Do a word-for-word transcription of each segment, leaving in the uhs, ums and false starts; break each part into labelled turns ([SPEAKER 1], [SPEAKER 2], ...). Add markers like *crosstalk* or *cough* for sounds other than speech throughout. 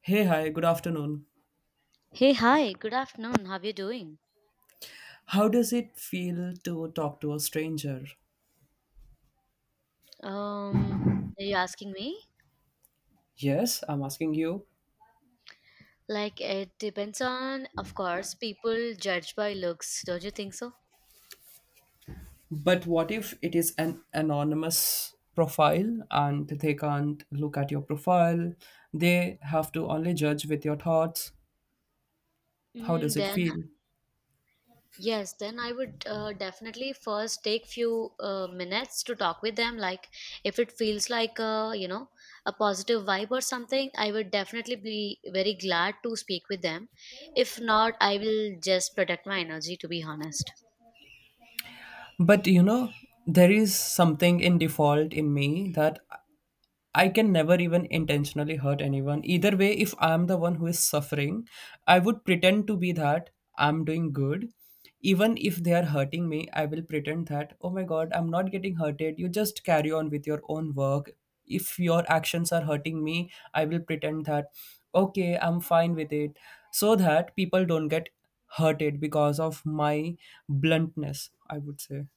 [SPEAKER 1] Hey, hi, good afternoon.
[SPEAKER 2] Hey, hi, good afternoon. How are you doing?
[SPEAKER 1] How does it feel to talk to a stranger?
[SPEAKER 2] Um, are you asking me?
[SPEAKER 1] Yes, I'm asking you.
[SPEAKER 2] Like, it depends on, of course, people judge by looks, don't you think so?
[SPEAKER 1] But what if it is an anonymous profile and they can't look at your profile? They have to only judge with your thoughts. How
[SPEAKER 2] Mm,
[SPEAKER 1] does it
[SPEAKER 2] then,
[SPEAKER 1] feel?
[SPEAKER 2] yes, then I would uh, definitely first take few uh, minutes to talk with them. Like, if it feels like, a you know, a positive vibe or something, I would definitely be very glad to speak with them. If not, I will just protect my energy, to be honest.
[SPEAKER 1] But you know, there is something in default in me that I can never even intentionally hurt anyone. Either way, if I'm the one who is suffering, I would pretend to be that I'm doing good. Even if they are hurting me, I will pretend that, oh my god, I'm not getting hurted. You just carry on with your own work. If your actions are hurting me, I will pretend that, okay, I'm fine with it. So that people don't get hurted because of my bluntness, I would say.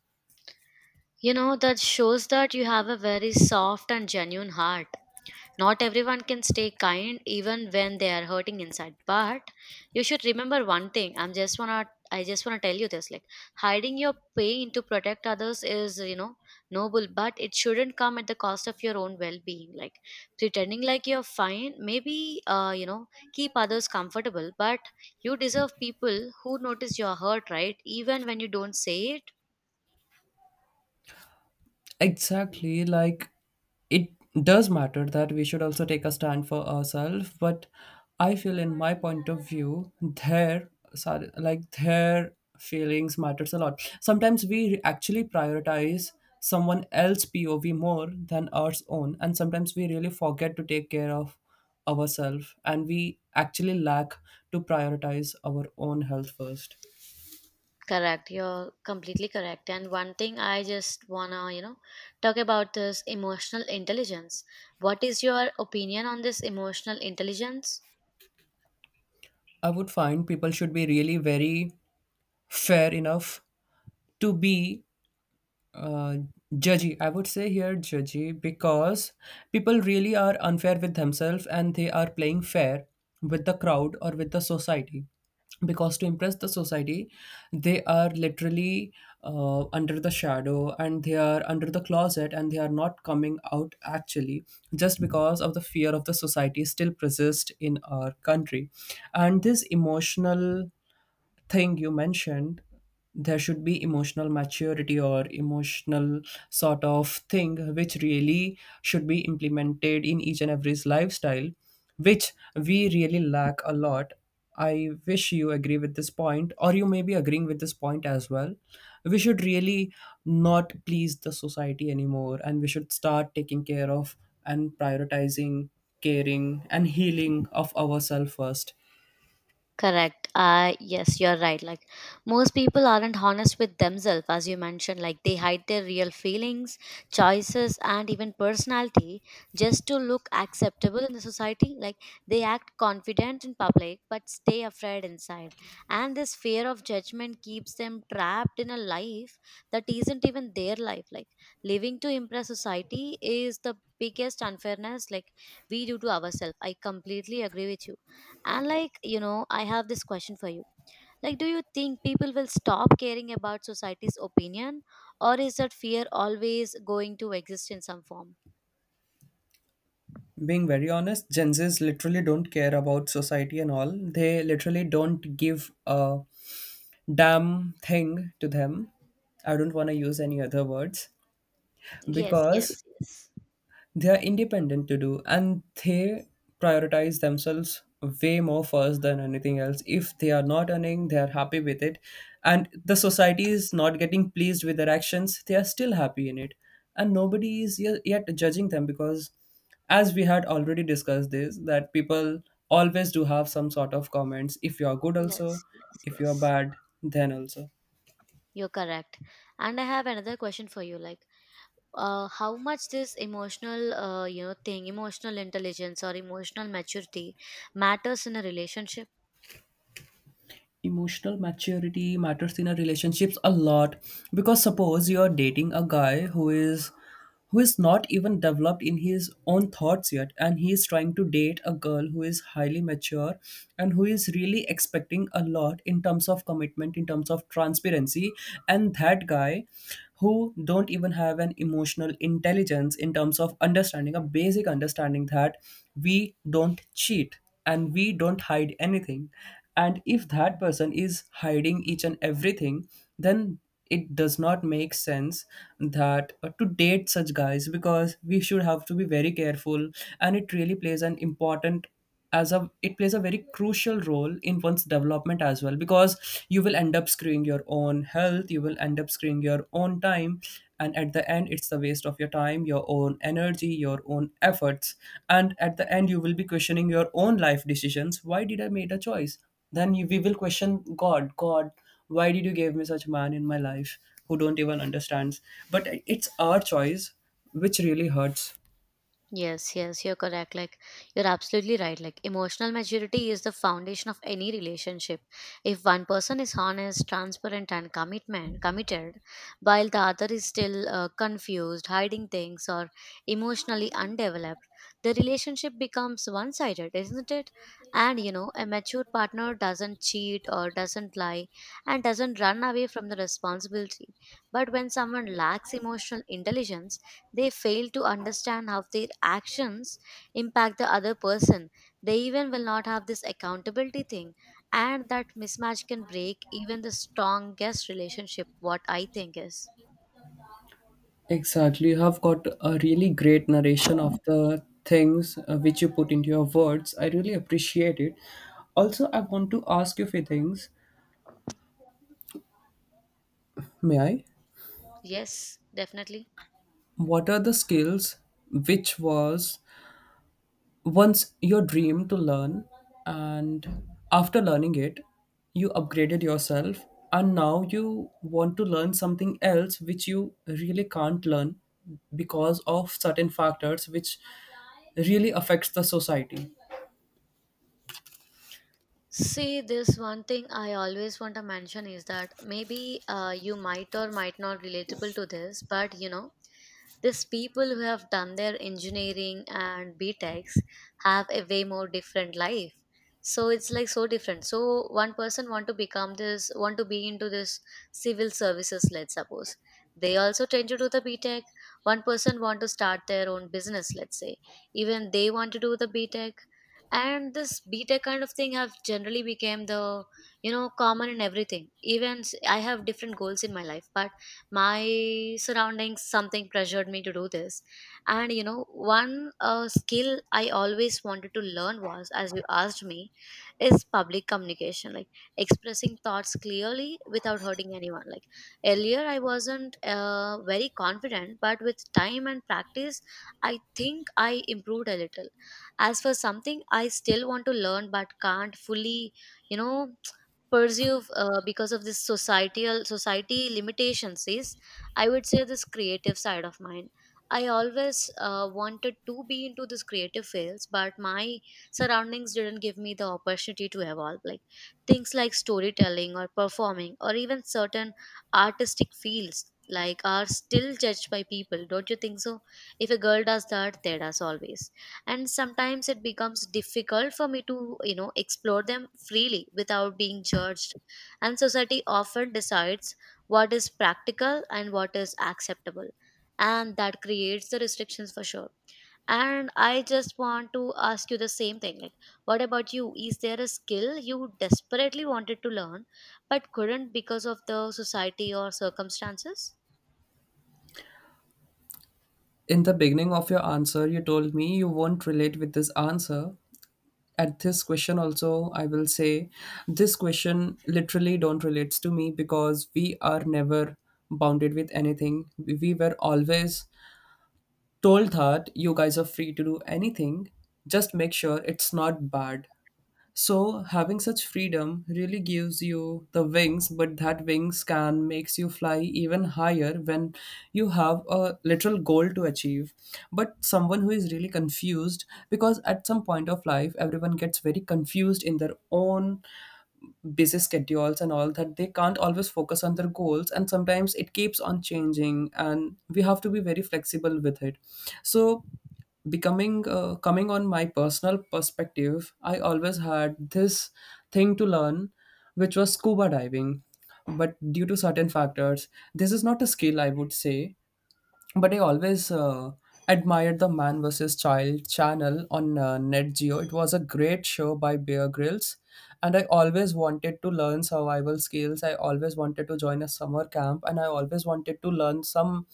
[SPEAKER 2] You know, that shows that you have a very soft and genuine heart. Not everyone can stay kind even when they are hurting inside. But you should remember one thing. I'm just wanna I just wanna tell you this. Like hiding your pain to protect others is, you know, noble, but it shouldn't come at the cost of your own well being. Like pretending like you're fine, maybe uh, you know, keep others comfortable, but you deserve people who notice your hurt, right? Even when you don't say it.
[SPEAKER 1] Exactly, like it does matter that we should also take a stand for ourselves, but I feel in my point of view, their sorry, like their feelings matters a lot. Sometimes we actually prioritize someone else' P O V more than our own, and sometimes we really forget to take care of ourselves, and we actually lack to prioritize our own health first.
[SPEAKER 2] Correct. You're completely correct. And one thing I just wanna, you know, talk about this emotional intelligence. What is your opinion on this emotional intelligence?
[SPEAKER 1] I would find people should be really very fair enough to be uh, judgy. I would say here judgy because people really are unfair with themselves and they are playing fair with the crowd or with the society. Because to impress the society, they are literally uh, under the shadow and they are under the closet and they are not coming out actually just because of the fear of the society still persists in our country. And this emotional thing you mentioned there should be emotional maturity or emotional sort of thing which really should be implemented in each and every's lifestyle which we really lack a lot. I wish you agree with this point or you may be agreeing with this point as well. We should really not please the society anymore, and we should start taking care of and prioritizing caring and healing of ourselves first.
[SPEAKER 2] Correct. Uh, yes, you're right. Like most people aren't honest with themselves, as you mentioned. Like they hide their real feelings, choices, and even personality just to look acceptable in the society. Like they act confident in public but stay afraid inside. And this fear of judgment keeps them trapped in a life that isn't even their life. Like living to impress society is the biggest unfairness like we do to ourselves. I completely agree with you. And like, you know, I have this question for you. Like, do you think people will stop caring about society's opinion, or is that fear always going to exist in some form?
[SPEAKER 1] Being very honest, Gen Zs literally don't care about society and all. They literally don't give a damn thing to them. I don't want to use any other words
[SPEAKER 2] Yes,
[SPEAKER 1] because
[SPEAKER 2] yes, yes,
[SPEAKER 1] they are independent to do and they prioritize themselves way more first than anything else. If they are not earning, they are happy with it, and the society is not getting pleased with their actions, they are still happy in it. And nobody is ye- yet judging them because as we had already discussed this that people always do have some sort of comments. If you are good also,
[SPEAKER 2] yes, yes,
[SPEAKER 1] if you are
[SPEAKER 2] yes.
[SPEAKER 1] bad, then also
[SPEAKER 2] You're correct. And I have another question for you. Like, uh, how much this emotional, uh, you know, thing, emotional intelligence or emotional maturity matters in a relationship?
[SPEAKER 1] emotional maturity matters in a relationships a lot. Because suppose you're dating a guy who is who is not even developed in his own thoughts yet, and he is trying to date a girl who is highly mature and who is really expecting a lot in terms of commitment, in terms of transparency, and that guy who don't even have an emotional intelligence in terms of understanding, a basic understanding that we don't cheat and we don't hide anything, and if that person is hiding each and everything, then it does not make sense that uh, to date such guys, because we should have to be very careful. And it really plays an important as a it plays a very crucial role in one's development as well, because you will end up screwing your own own health, you will end up screwing your own time, and at the end it's a waste of your time, your own energy, your own efforts. And at the end you will be questioning your own life decisions, why did I made a choice. Then you, we will question god god why did you give me such man in my life who don't even understands. But it's our choice which really hurts.
[SPEAKER 2] Yes, yes, you're correct. Like, you're absolutely right. Like, emotional maturity is the foundation of any relationship. If one person is honest, transparent, and commitment committed, while the other is still uh, confused, hiding things, or emotionally undeveloped, the relationship becomes one-sided, isn't it? And you know, a mature partner doesn't cheat or doesn't lie and doesn't run away from the responsibility. But when someone lacks emotional intelligence, they fail to understand how their actions impact the other person. They even will not have this accountability thing. And that mismatch can break even the strongest relationship, what I think is.
[SPEAKER 1] Exactly. You have got a really great narration of the things uh, which you put into your words. I really appreciate it. Also, I want to ask you a few things. May I?
[SPEAKER 2] Yes, definitely.
[SPEAKER 1] What are the skills which was once your dream to learn, and after learning it, you upgraded yourself, and now you want to learn something else which you really can't learn because of certain factors which really affects the society.
[SPEAKER 2] See, this one thing I always want to mention is that maybe uh, you might or might not relatable to this, but you know, these people who have done their engineering and B Tecs have a way more different life. So it's like so different. So one person want to become this, want to be into this civil services, let's suppose. They also tend to do the B Tec. One person want to start their own business, let's say. Even they want to do the B Tec, and this beta kind of thing have generally became the, you know, common in everything, even s- I have different goals in my life, but my surroundings something pressured me to do this. And you know, one uh, skill I always wanted to learn was, as you asked me, is public communication. Like expressing thoughts clearly without hurting anyone. Like earlier I wasn't uh, very confident, but with time and practice I think I improved a little. As for something I still want to learn but can't fully, you know, *tsk* pursue uh, because of this societal society limitations is, I would say, this creative side of mine. I always uh, wanted to be into this creative fields, but my surroundings didn't give me the opportunity to evolve. Like things like storytelling or performing or even certain artistic fields like are still judged by people, don't you think so? If a girl does that, there does always. And sometimes it becomes difficult for me to, you know, explore them freely without being judged. And society often decides what is practical and what is acceptable, and that creates the restrictions for sure. And I just want to ask you the same thing. Like, what about you? Is there a skill you desperately wanted to learn but couldn't because of the society or circumstances?
[SPEAKER 1] In the beginning of your answer, you told me you won't relate with this answer. At this question, also, I will say this question literally don't relates to me, because we are never bounded with anything. We were always told that you guys are free to do anything. Just make sure it's not bad. So having such freedom really gives you the wings, but that wings can makes you fly even higher when you have a literal goal to achieve. But someone who is really confused, because at some point of life everyone gets very confused in their own busy schedules and all, that they can't always focus on their goals, and sometimes it keeps on changing and we have to be very flexible with it. So becoming uh, coming on my personal perspective, I always had this thing to learn which was scuba diving. But due to certain factors, this is not a skill, I would say. But I always uh, admired the Man versus. Child channel on uh, Net Geo. It was a great show by Bear Grylls, and I always wanted to learn survival skills. I always wanted to join a summer camp, and I always wanted to learn some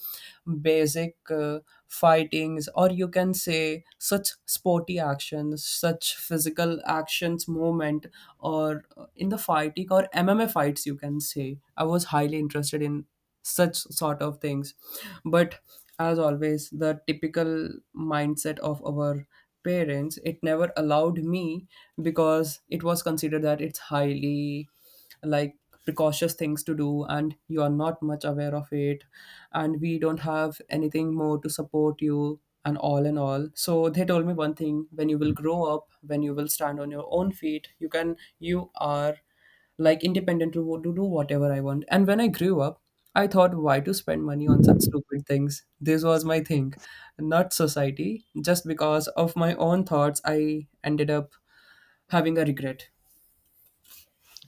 [SPEAKER 1] basic uh, fightings, or you can say such sporty actions, such physical actions, movement, or uh, in the fighting or M M A fights. You can say I was highly interested in such sort of things. But as always, the typical mindset of our parents, it never allowed me, because it was considered that it's highly like precautious things to do, and you are not much aware of it, and we don't have anything more to support you and all and all. So they told me one thing, when you will grow up, when you will stand on your own feet, you can you are like independent to wo- to do whatever I want. And when I grew up, I thought, why to spend money on such stupid things? This was my thing, not society. Just because of my own thoughts, I ended up having a regret.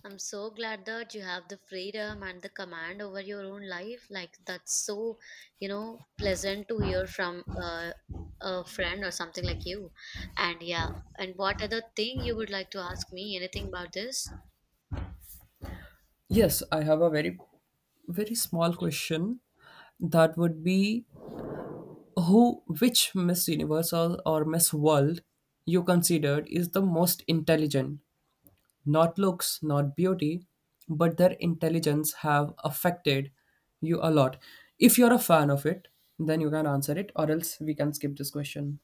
[SPEAKER 2] I'm so glad that you have the freedom and the command over your own life. Like that's so, you know, pleasant to hear from uh, a friend or something like you. And yeah, and what other thing you would like to ask me? Anything about this?
[SPEAKER 1] Yes, I have a very, very small question. That would be who, which Miss Universe or, or Miss World you considered is the most intelligent. Not looks, not beauty, but their intelligence have affected you a lot. If you're a fan of it, then you can answer it, or else we can skip this question.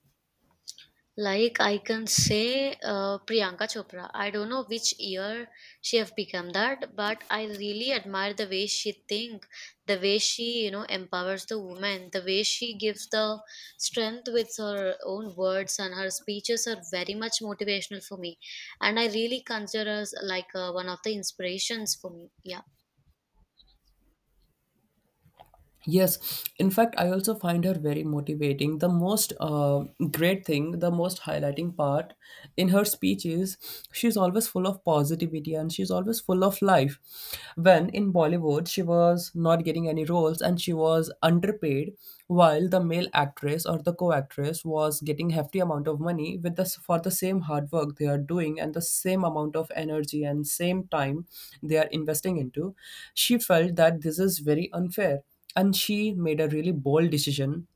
[SPEAKER 2] Like, I can say uh, Priyanka Chopra. I don't know which year she have become that, but I really admire the way she think, the way she, you know, empowers the woman, the way she gives the strength with her own words. And her speeches are very much motivational for me, and I really consider her as like uh, one of the inspirations for me. Yeah.
[SPEAKER 1] Yes, in fact, I also find her very motivating. The most uh, great thing, the most highlighting part in her speech is she's always full of positivity and she's always full of life. When in Bollywood, she was not getting any roles and she was underpaid, while the male actress or the co-actress was getting hefty amount of money with the for the same hard work they are doing and the same amount of energy and same time they are investing into. She felt that this is very unfair, and she made a really bold decision.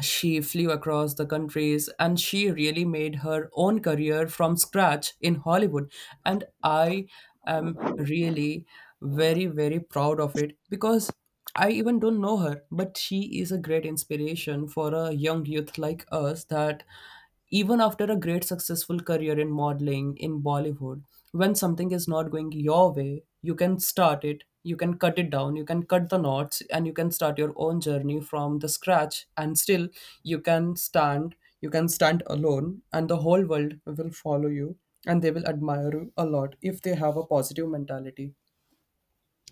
[SPEAKER 1] She flew across the countries and she really made her own career from scratch in Hollywood. And I am really very very proud of it, because I even don't know her, but she is a great inspiration for a young youth like us, that even after a great successful career in modeling in Bollywood, when something is not going your way, you can start it, you can cut it down, you can cut the knots, and you can start your own journey from the scratch. And still, you can stand, you can stand alone, and the whole world will follow you and they will admire you a lot if they have a positive mentality.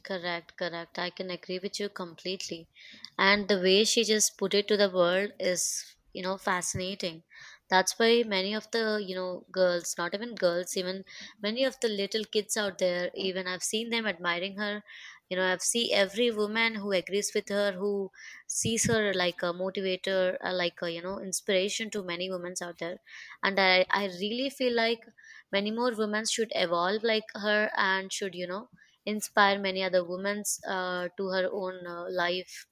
[SPEAKER 2] Correct, correct. I can agree with you completely. And the way she just put it to the world is, you know, fascinating. That's why many of the, you know, girls, not even girls, even many of the little kids out there, even I've seen them admiring her. You know, I've seen every woman who agrees with her, who sees her like a motivator, uh, like a, you know, inspiration to many women out there. And I, I really feel like many more women should evolve like her and should, you know, inspire many other women uh, to her own uh, life,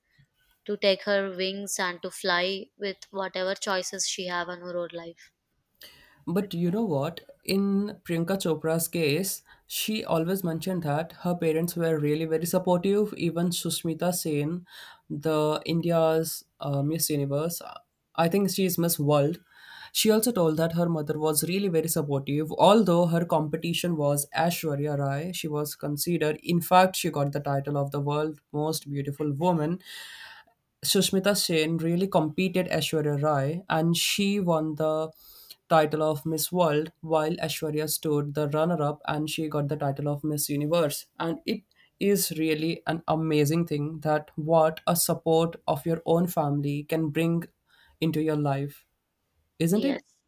[SPEAKER 2] to take her wings and to fly with whatever choices she have on her own life.
[SPEAKER 1] But you know what? In Priyanka Chopra's case, she always mentioned that her parents were really very supportive. Even Sushmita Sen, the India's uh, Miss Universe, I think she is Miss World. She also told that her mother was really very supportive. Although her competition was Ashwarya Rai, she was considered. In fact, she got the title of the world most beautiful woman. Sushmita Sen really competed Aishwarya Rai and she won the title of Miss World, while Aishwarya stood the runner up and she got the title of Miss Universe. And it is really an amazing thing, that what a support of your own family can bring into your life, isn't it?
[SPEAKER 2] Yes.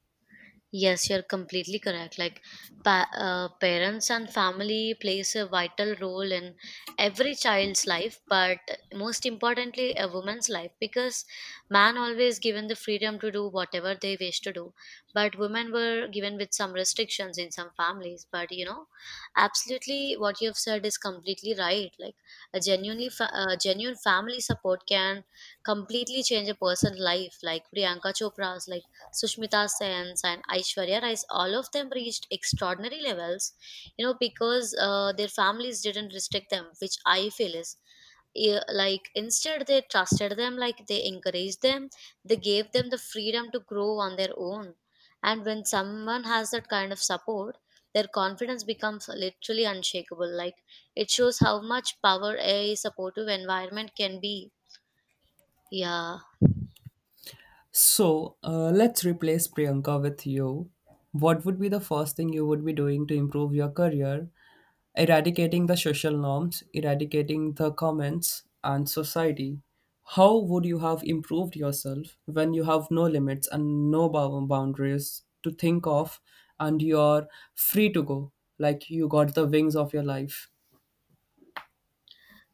[SPEAKER 2] Yes, you're completely correct. Like, pa- uh, parents and family plays a vital role in every child's life, but most importantly, a woman's life, because man always given the freedom to do whatever they wish to do, but women were given with some restrictions in some families. But you know, absolutely, what you've said is completely right. Like, a genuinely, fa- uh, genuine family support can completely change a person's life. Like Priyanka Chopra's, like Sushmita Sen's and Aishwarya Rais, all of them reached extraordinary levels, you know, because uh, their families didn't restrict them, which I feel is eh, like instead they trusted them, like they encouraged them, they gave them the freedom to grow on their own. And when someone has that kind of support, their confidence becomes literally unshakable. Like it shows how much power a supportive environment can be. Yeah.
[SPEAKER 1] So uh, let's replace Priyanka with you. What would be the first thing you would be doing to improve your career? Eradicating the social norms, eradicating the comments, and society. How would you have improved yourself when you have no limits and no bou- boundaries to think of, and you're free to go? Like, you got the wings of your life.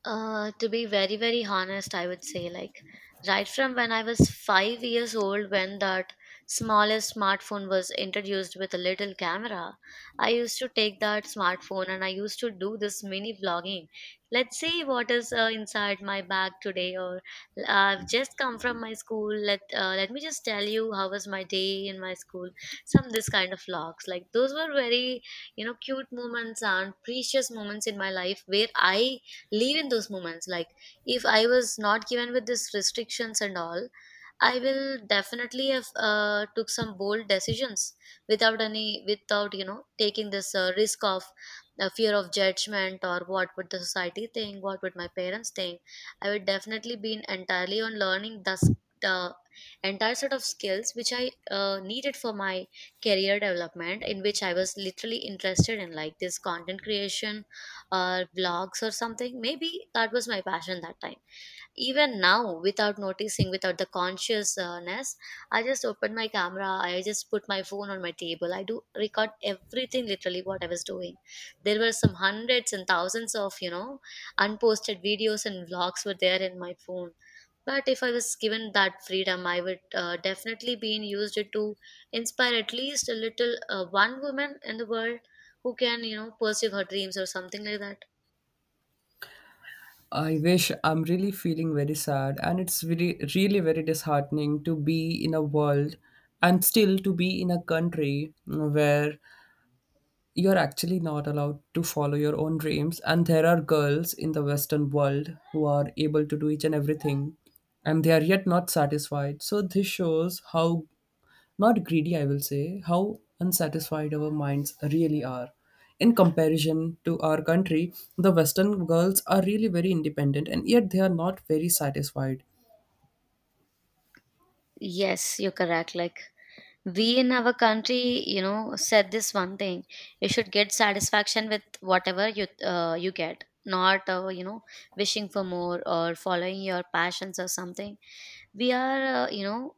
[SPEAKER 2] Uh, to be very, very honest, I would say, like, right from when I was five years old, when that smallest smartphone was introduced with a little camera, I used to take that smartphone and I used to do this mini vlogging. Let's see what is uh, inside my bag today, or I've just come from my school. Let uh, let me just tell you how was my day in my school. Some this kind of vlogs, like those were very, you know, cute moments and precious moments in my life where I live in those moments. Like if I was not given with these restrictions and all, I will definitely have uh, took some bold decisions without any, without, you know, taking this uh, risk of uh, fear of judgment, or what would the society think, what would my parents think. I would definitely been entirely on learning thus the entire set of skills which I uh, needed for my career development, in which I was literally interested in, like this content creation or vlogs or something. Maybe that was my passion that time. Even now, without noticing, without the consciousness, I just open my camera, I just put my phone on my table. I do record everything literally what I was doing. There were some hundreds and thousands of, you know, unposted videos and vlogs were there in my phone. But if I was given that freedom, I would uh, definitely be in used it to inspire at least a little uh, one woman in the world who can, you know, pursue her dreams or something like that.
[SPEAKER 1] I wish. I'm really feeling very sad, and it's really, really very disheartening to be in a world and still to be in a country where you're actually not allowed to follow your own dreams, and there are girls in the western world who are able to do each and everything, and they are yet not satisfied. So this shows how not greedy, I will say, how unsatisfied our minds really are in comparison to our country. The western girls are really very independent and yet they are not very satisfied.
[SPEAKER 2] Yes, you're correct. Like we in our country, you know, said this one thing. You should get satisfaction with whatever you uh, you get, not uh, you know wishing for more or following your passions or something. We are uh, you know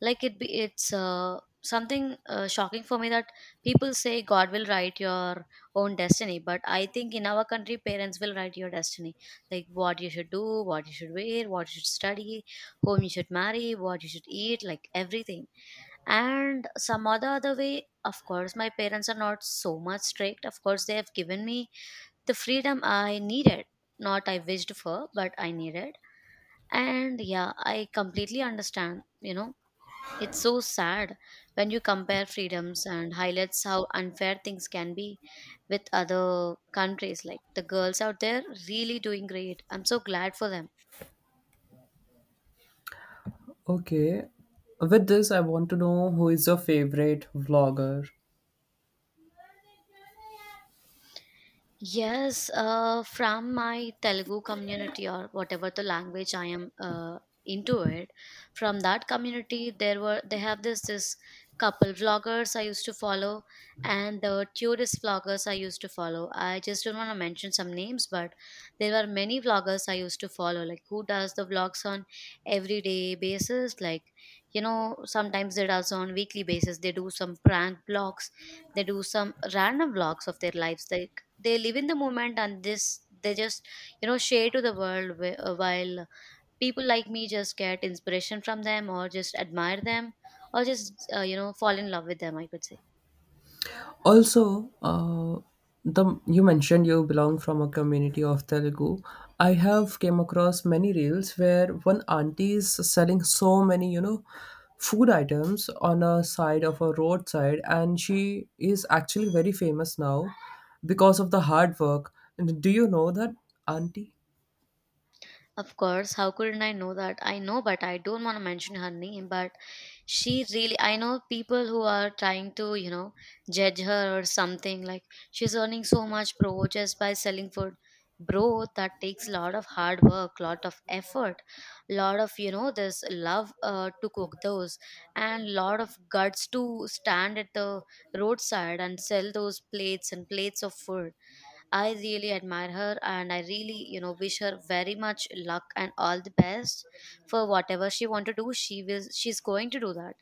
[SPEAKER 2] like it be it's uh, something uh, shocking for me that people say god will write your own destiny, but I think in our country parents will write your destiny. Like what you should do, what you should wear, what you should study, whom you should marry, what you should eat, like everything. And some other other way, of course my parents are not so much strict. Of course they have given me the freedom I needed, not I wished for but I needed. And yeah, I completely understand, you know. It's so sad when you compare freedoms and highlights how unfair things can be with other countries. Like the girls out there really doing great, I'm so glad for them.
[SPEAKER 1] Okay, with this I want to know, who is your favorite vlogger?
[SPEAKER 2] Yes, uh, from my Telugu community, or whatever the language I am uh, into it, from that community there were they have this this couple vloggers I used to follow, and the tourist vloggers I used to follow. I just don't want to mention some names, but there were many vloggers I used to follow, like who does the vlogs on everyday basis. Like, you know, sometimes they does on weekly basis. They do some prank vlogs, they do some random vlogs of their lives. They they live in the moment, and this they just, you know, share to the world, wh- uh, while people like me just get inspiration from them or just admire them, or just uh, you know fall in love with them, I could say.
[SPEAKER 1] Also, uh, the you mentioned you belong from a community of Telugu. I have came across many reels where one auntie is selling so many, you know, food items on a side of a roadside, and she is actually very famous now because of the hard work. And do you know that auntie?
[SPEAKER 2] Of course, how couldn't I know that? I know, but I don't want to mention her name. But she really, I know people who are trying to, you know, judge her or something. Like, she's earning so much, bro, just by selling food. Bro, that takes a lot of hard work, lot of effort, lot of, you know, this love uh, to cook those, and lot of guts to stand at the roadside and sell those plates and plates of food. I really admire her, and I really, you know, wish her very much luck and all the best for whatever she want to do. She will she's going to do that.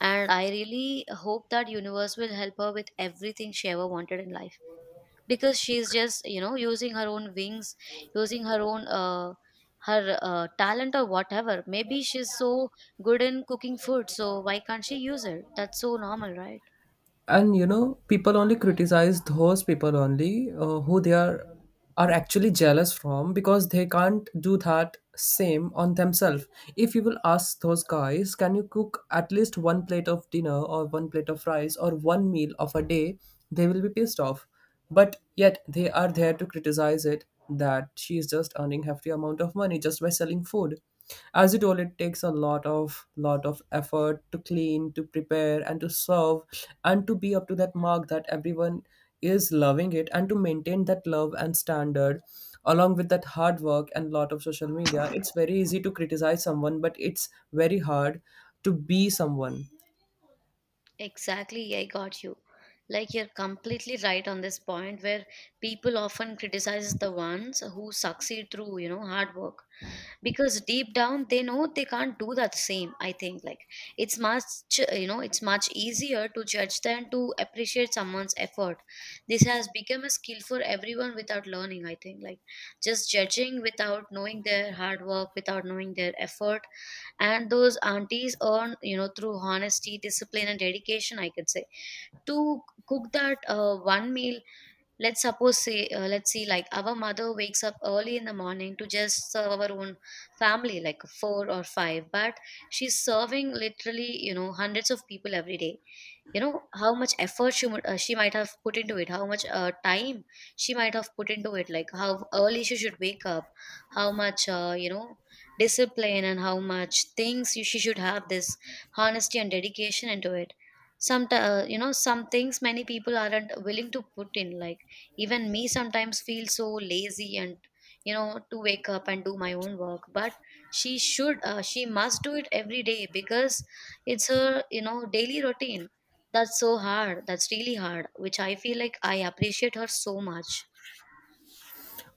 [SPEAKER 2] And I really hope that universe will help her with everything she ever wanted in life, because she's just, you know, using her own wings, using her own uh her uh, talent or whatever. Maybe she's so good in cooking food, so why can't she use it? That's so normal, right?
[SPEAKER 1] And you know, people only criticize those people only uh, who they are are actually jealous from, because they can't do that same on themselves. If you will ask those guys, can you cook at least one plate of dinner or one plate of rice or one meal of a day, they will be pissed off. But yet they are there to criticize it, that she is just earning hefty amount of money just by selling food. As you told, it takes a lot of lot of effort to clean, to prepare, and to serve, and to be up to that mark that everyone is loving it, and to maintain that love and standard along with that hard work and lot of social media. It's very easy to criticize someone, but it's very hard to be someone.
[SPEAKER 2] Exactly, I got you. Like, you're completely right on this point where people often criticize the ones who succeed through, you know, hard work, because deep down they know they can't do that same. I think like it's much, you know, it's much easier to judge than to appreciate someone's effort. This has become a skill for everyone without learning, I think. Like just judging without knowing their hard work, without knowing their effort. And those aunties earn, you know, through honesty, discipline and dedication, I could say, to cook that uh, one meal. Let's suppose say, uh, let's see, like our mother wakes up early in the morning to just serve our own family, like four or five, but she's serving literally, you know, hundreds of people every day. You know how much effort she would, uh, she might have put into it, how much uh, time she might have put into it. Like how early she should wake up, how much, uh, you know discipline, and how much things you, she should have, this honesty and dedication into it. Some uh, you know some things many people aren't willing to put in. Like even me sometimes feel so lazy and, you know, to wake up and do my own work, but she should uh, she must do it every day, because it's her, you know, daily routine. That's so hard. That's really hard, which I feel like I appreciate her so much.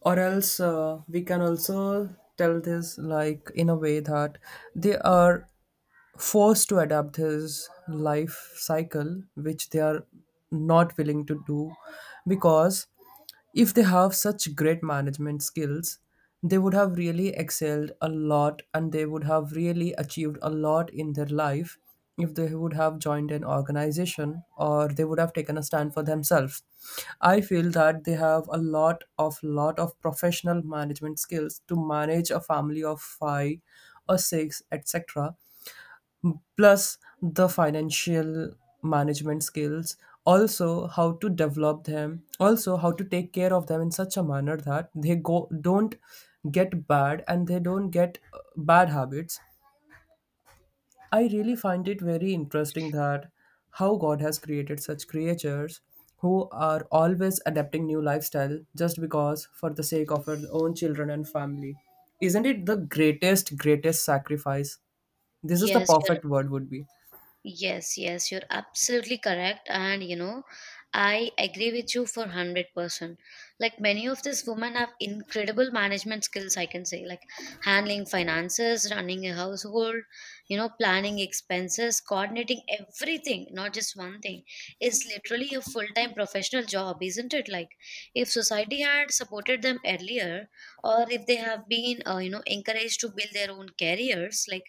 [SPEAKER 1] Or else, uh, we can also tell this like in a way that they are forced to adapt his life cycle, which they are not willing to do, because if they have such great management skills, they would have really excelled a lot and they would have really achieved a lot in their life. If they would have joined an organization, or they would have taken a stand for themselves, I feel that they have a lot of lot of professional management skills to manage a family of five or six, etc., plus the financial management skills also, how to develop them also, how to take care of them in such a manner that they go don't get bad, and they don't get uh, bad habits. I really find it very interesting that how God has created such creatures who are always adapting new lifestyle just because for the sake of our own children and family. Isn't it the greatest, greatest sacrifice? This is the
[SPEAKER 2] Yes,
[SPEAKER 1] perfect word would be.
[SPEAKER 2] Yes, yes, you're absolutely correct. And you know, I agree with you for one hundred percent. Like many of these women have incredible management skills, I can say. Like handling finances, running a household, you know, planning expenses, coordinating everything, not just one thing. It's literally a full time professional job, isn't it? Like if society had supported them earlier, or if they have been, uh, you know, encouraged to build their own careers, like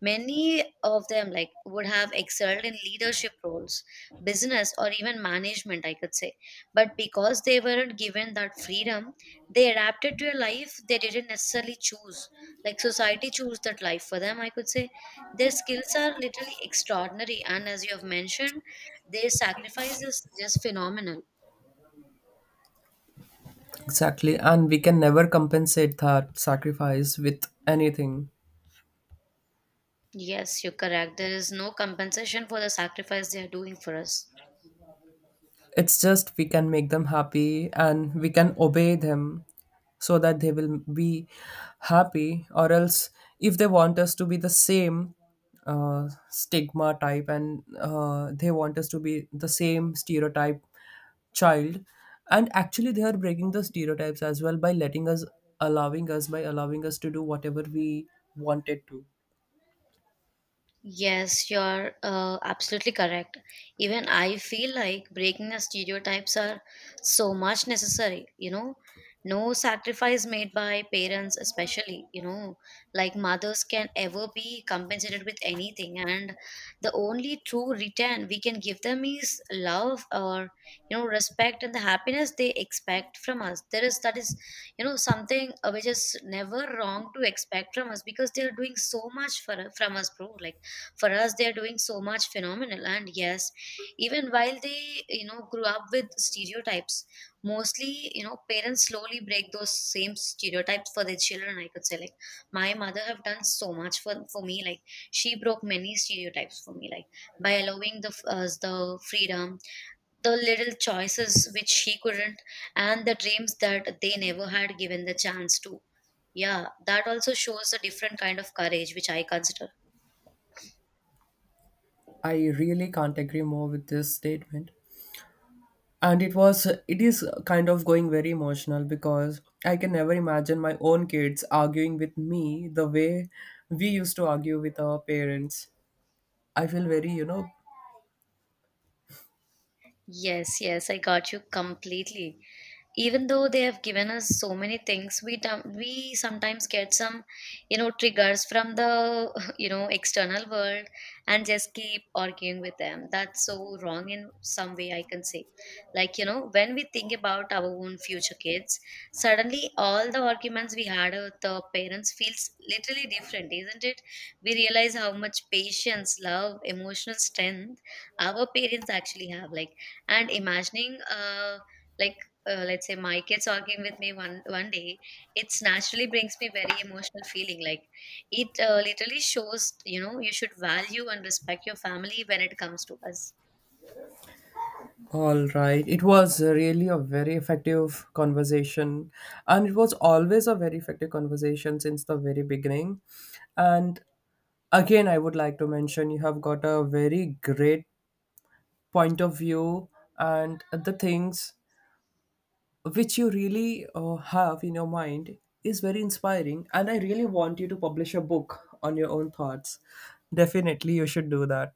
[SPEAKER 2] many of them like would have excelled in leadership roles, business or even management, I could say. But because they weren't given that freedom, they adapted to a life they didn't necessarily choose. Like society chose that life for them, I could say. Their skills are literally extraordinary, and as you have mentioned, their sacrifice is just phenomenal.
[SPEAKER 1] Exactly. And we can never compensate that sacrifice with anything.
[SPEAKER 2] Yes, you're correct. There is no compensation for the sacrifice they are doing for us.
[SPEAKER 1] It's just, we can make them happy and we can obey them so that they will be happy. Or else, if they want us to be the same uh, stigma type, and uh, they want us to be the same stereotype child, and actually, they are breaking the stereotypes as well by letting us, allowing us, by allowing us to do whatever we wanted to.
[SPEAKER 2] Yes, you're uh, absolutely correct. Even I feel like breaking the stereotypes are so much necessary, you know. No sacrifice made by parents, especially, you know, like mothers can ever be compensated with anything. And the only true return we can give them is love, or you know, respect and the happiness they expect from us. There is that is, you know, something uh, which is never wrong to expect from us, because they are doing so much for from us, bro. Like for us they are doing so much phenomenal. And yes, even while they, you know, grew up with stereotypes, mostly, you know, parents slowly break those same stereotypes for their children, I could say. Like my mother have done so much for, for me. Like she broke many stereotypes for me, like by allowing the us the freedom, the little choices which she couldn't, and the dreams that they never had given the chance to. Yeah, that also shows a different kind of courage, which I consider.
[SPEAKER 1] I really can't agree more with this statement. And it was, it is kind of going very emotional, because I can never imagine my own kids arguing with me the way we used to argue with our parents. I feel very, you know.
[SPEAKER 2] Yes, yes, I got you completely. Even though they have given us so many things, we dom- we sometimes get some, you know, triggers from the *laughs* you know external world, and just keep arguing with them. That's so wrong in some way, I can say. Like, you know, when we think about our own future kids, suddenly all the arguments we had with the parents feels literally different, isn't it? We realize how much patience, love, emotional strength our parents actually have. Like and imagining uh like uh, let's say my kids arguing with me one one day, it's naturally brings me very emotional feeling. Like it uh, literally shows, you know, you should value and respect your family when it comes to us.
[SPEAKER 1] All right, it was really a very effective conversation, and it was always a very effective conversation since the very beginning. And again, I would like to mention, you have got a very great point of view, and the things which you really uh, have in your mind is very inspiring, and I really want you to publish a book on your own thoughts. Definitely you should do that.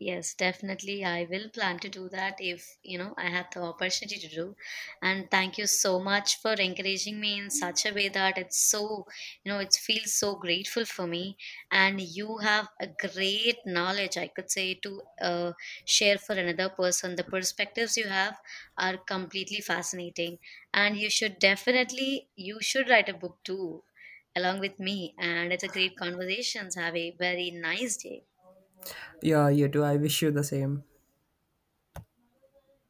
[SPEAKER 2] Yes, definitely. I will plan to do that if, you know, I have the opportunity to do. And thank you so much for encouraging me in such a way that it's so, you know, it feels so grateful for me. And you have a great knowledge, I could say, to uh, share for another person. The perspectives you have are completely fascinating. And you should definitely, you should write a book too, along with me. And it's a great conversations. Have a very nice day.
[SPEAKER 1] Yeah, you too, I wish you the same.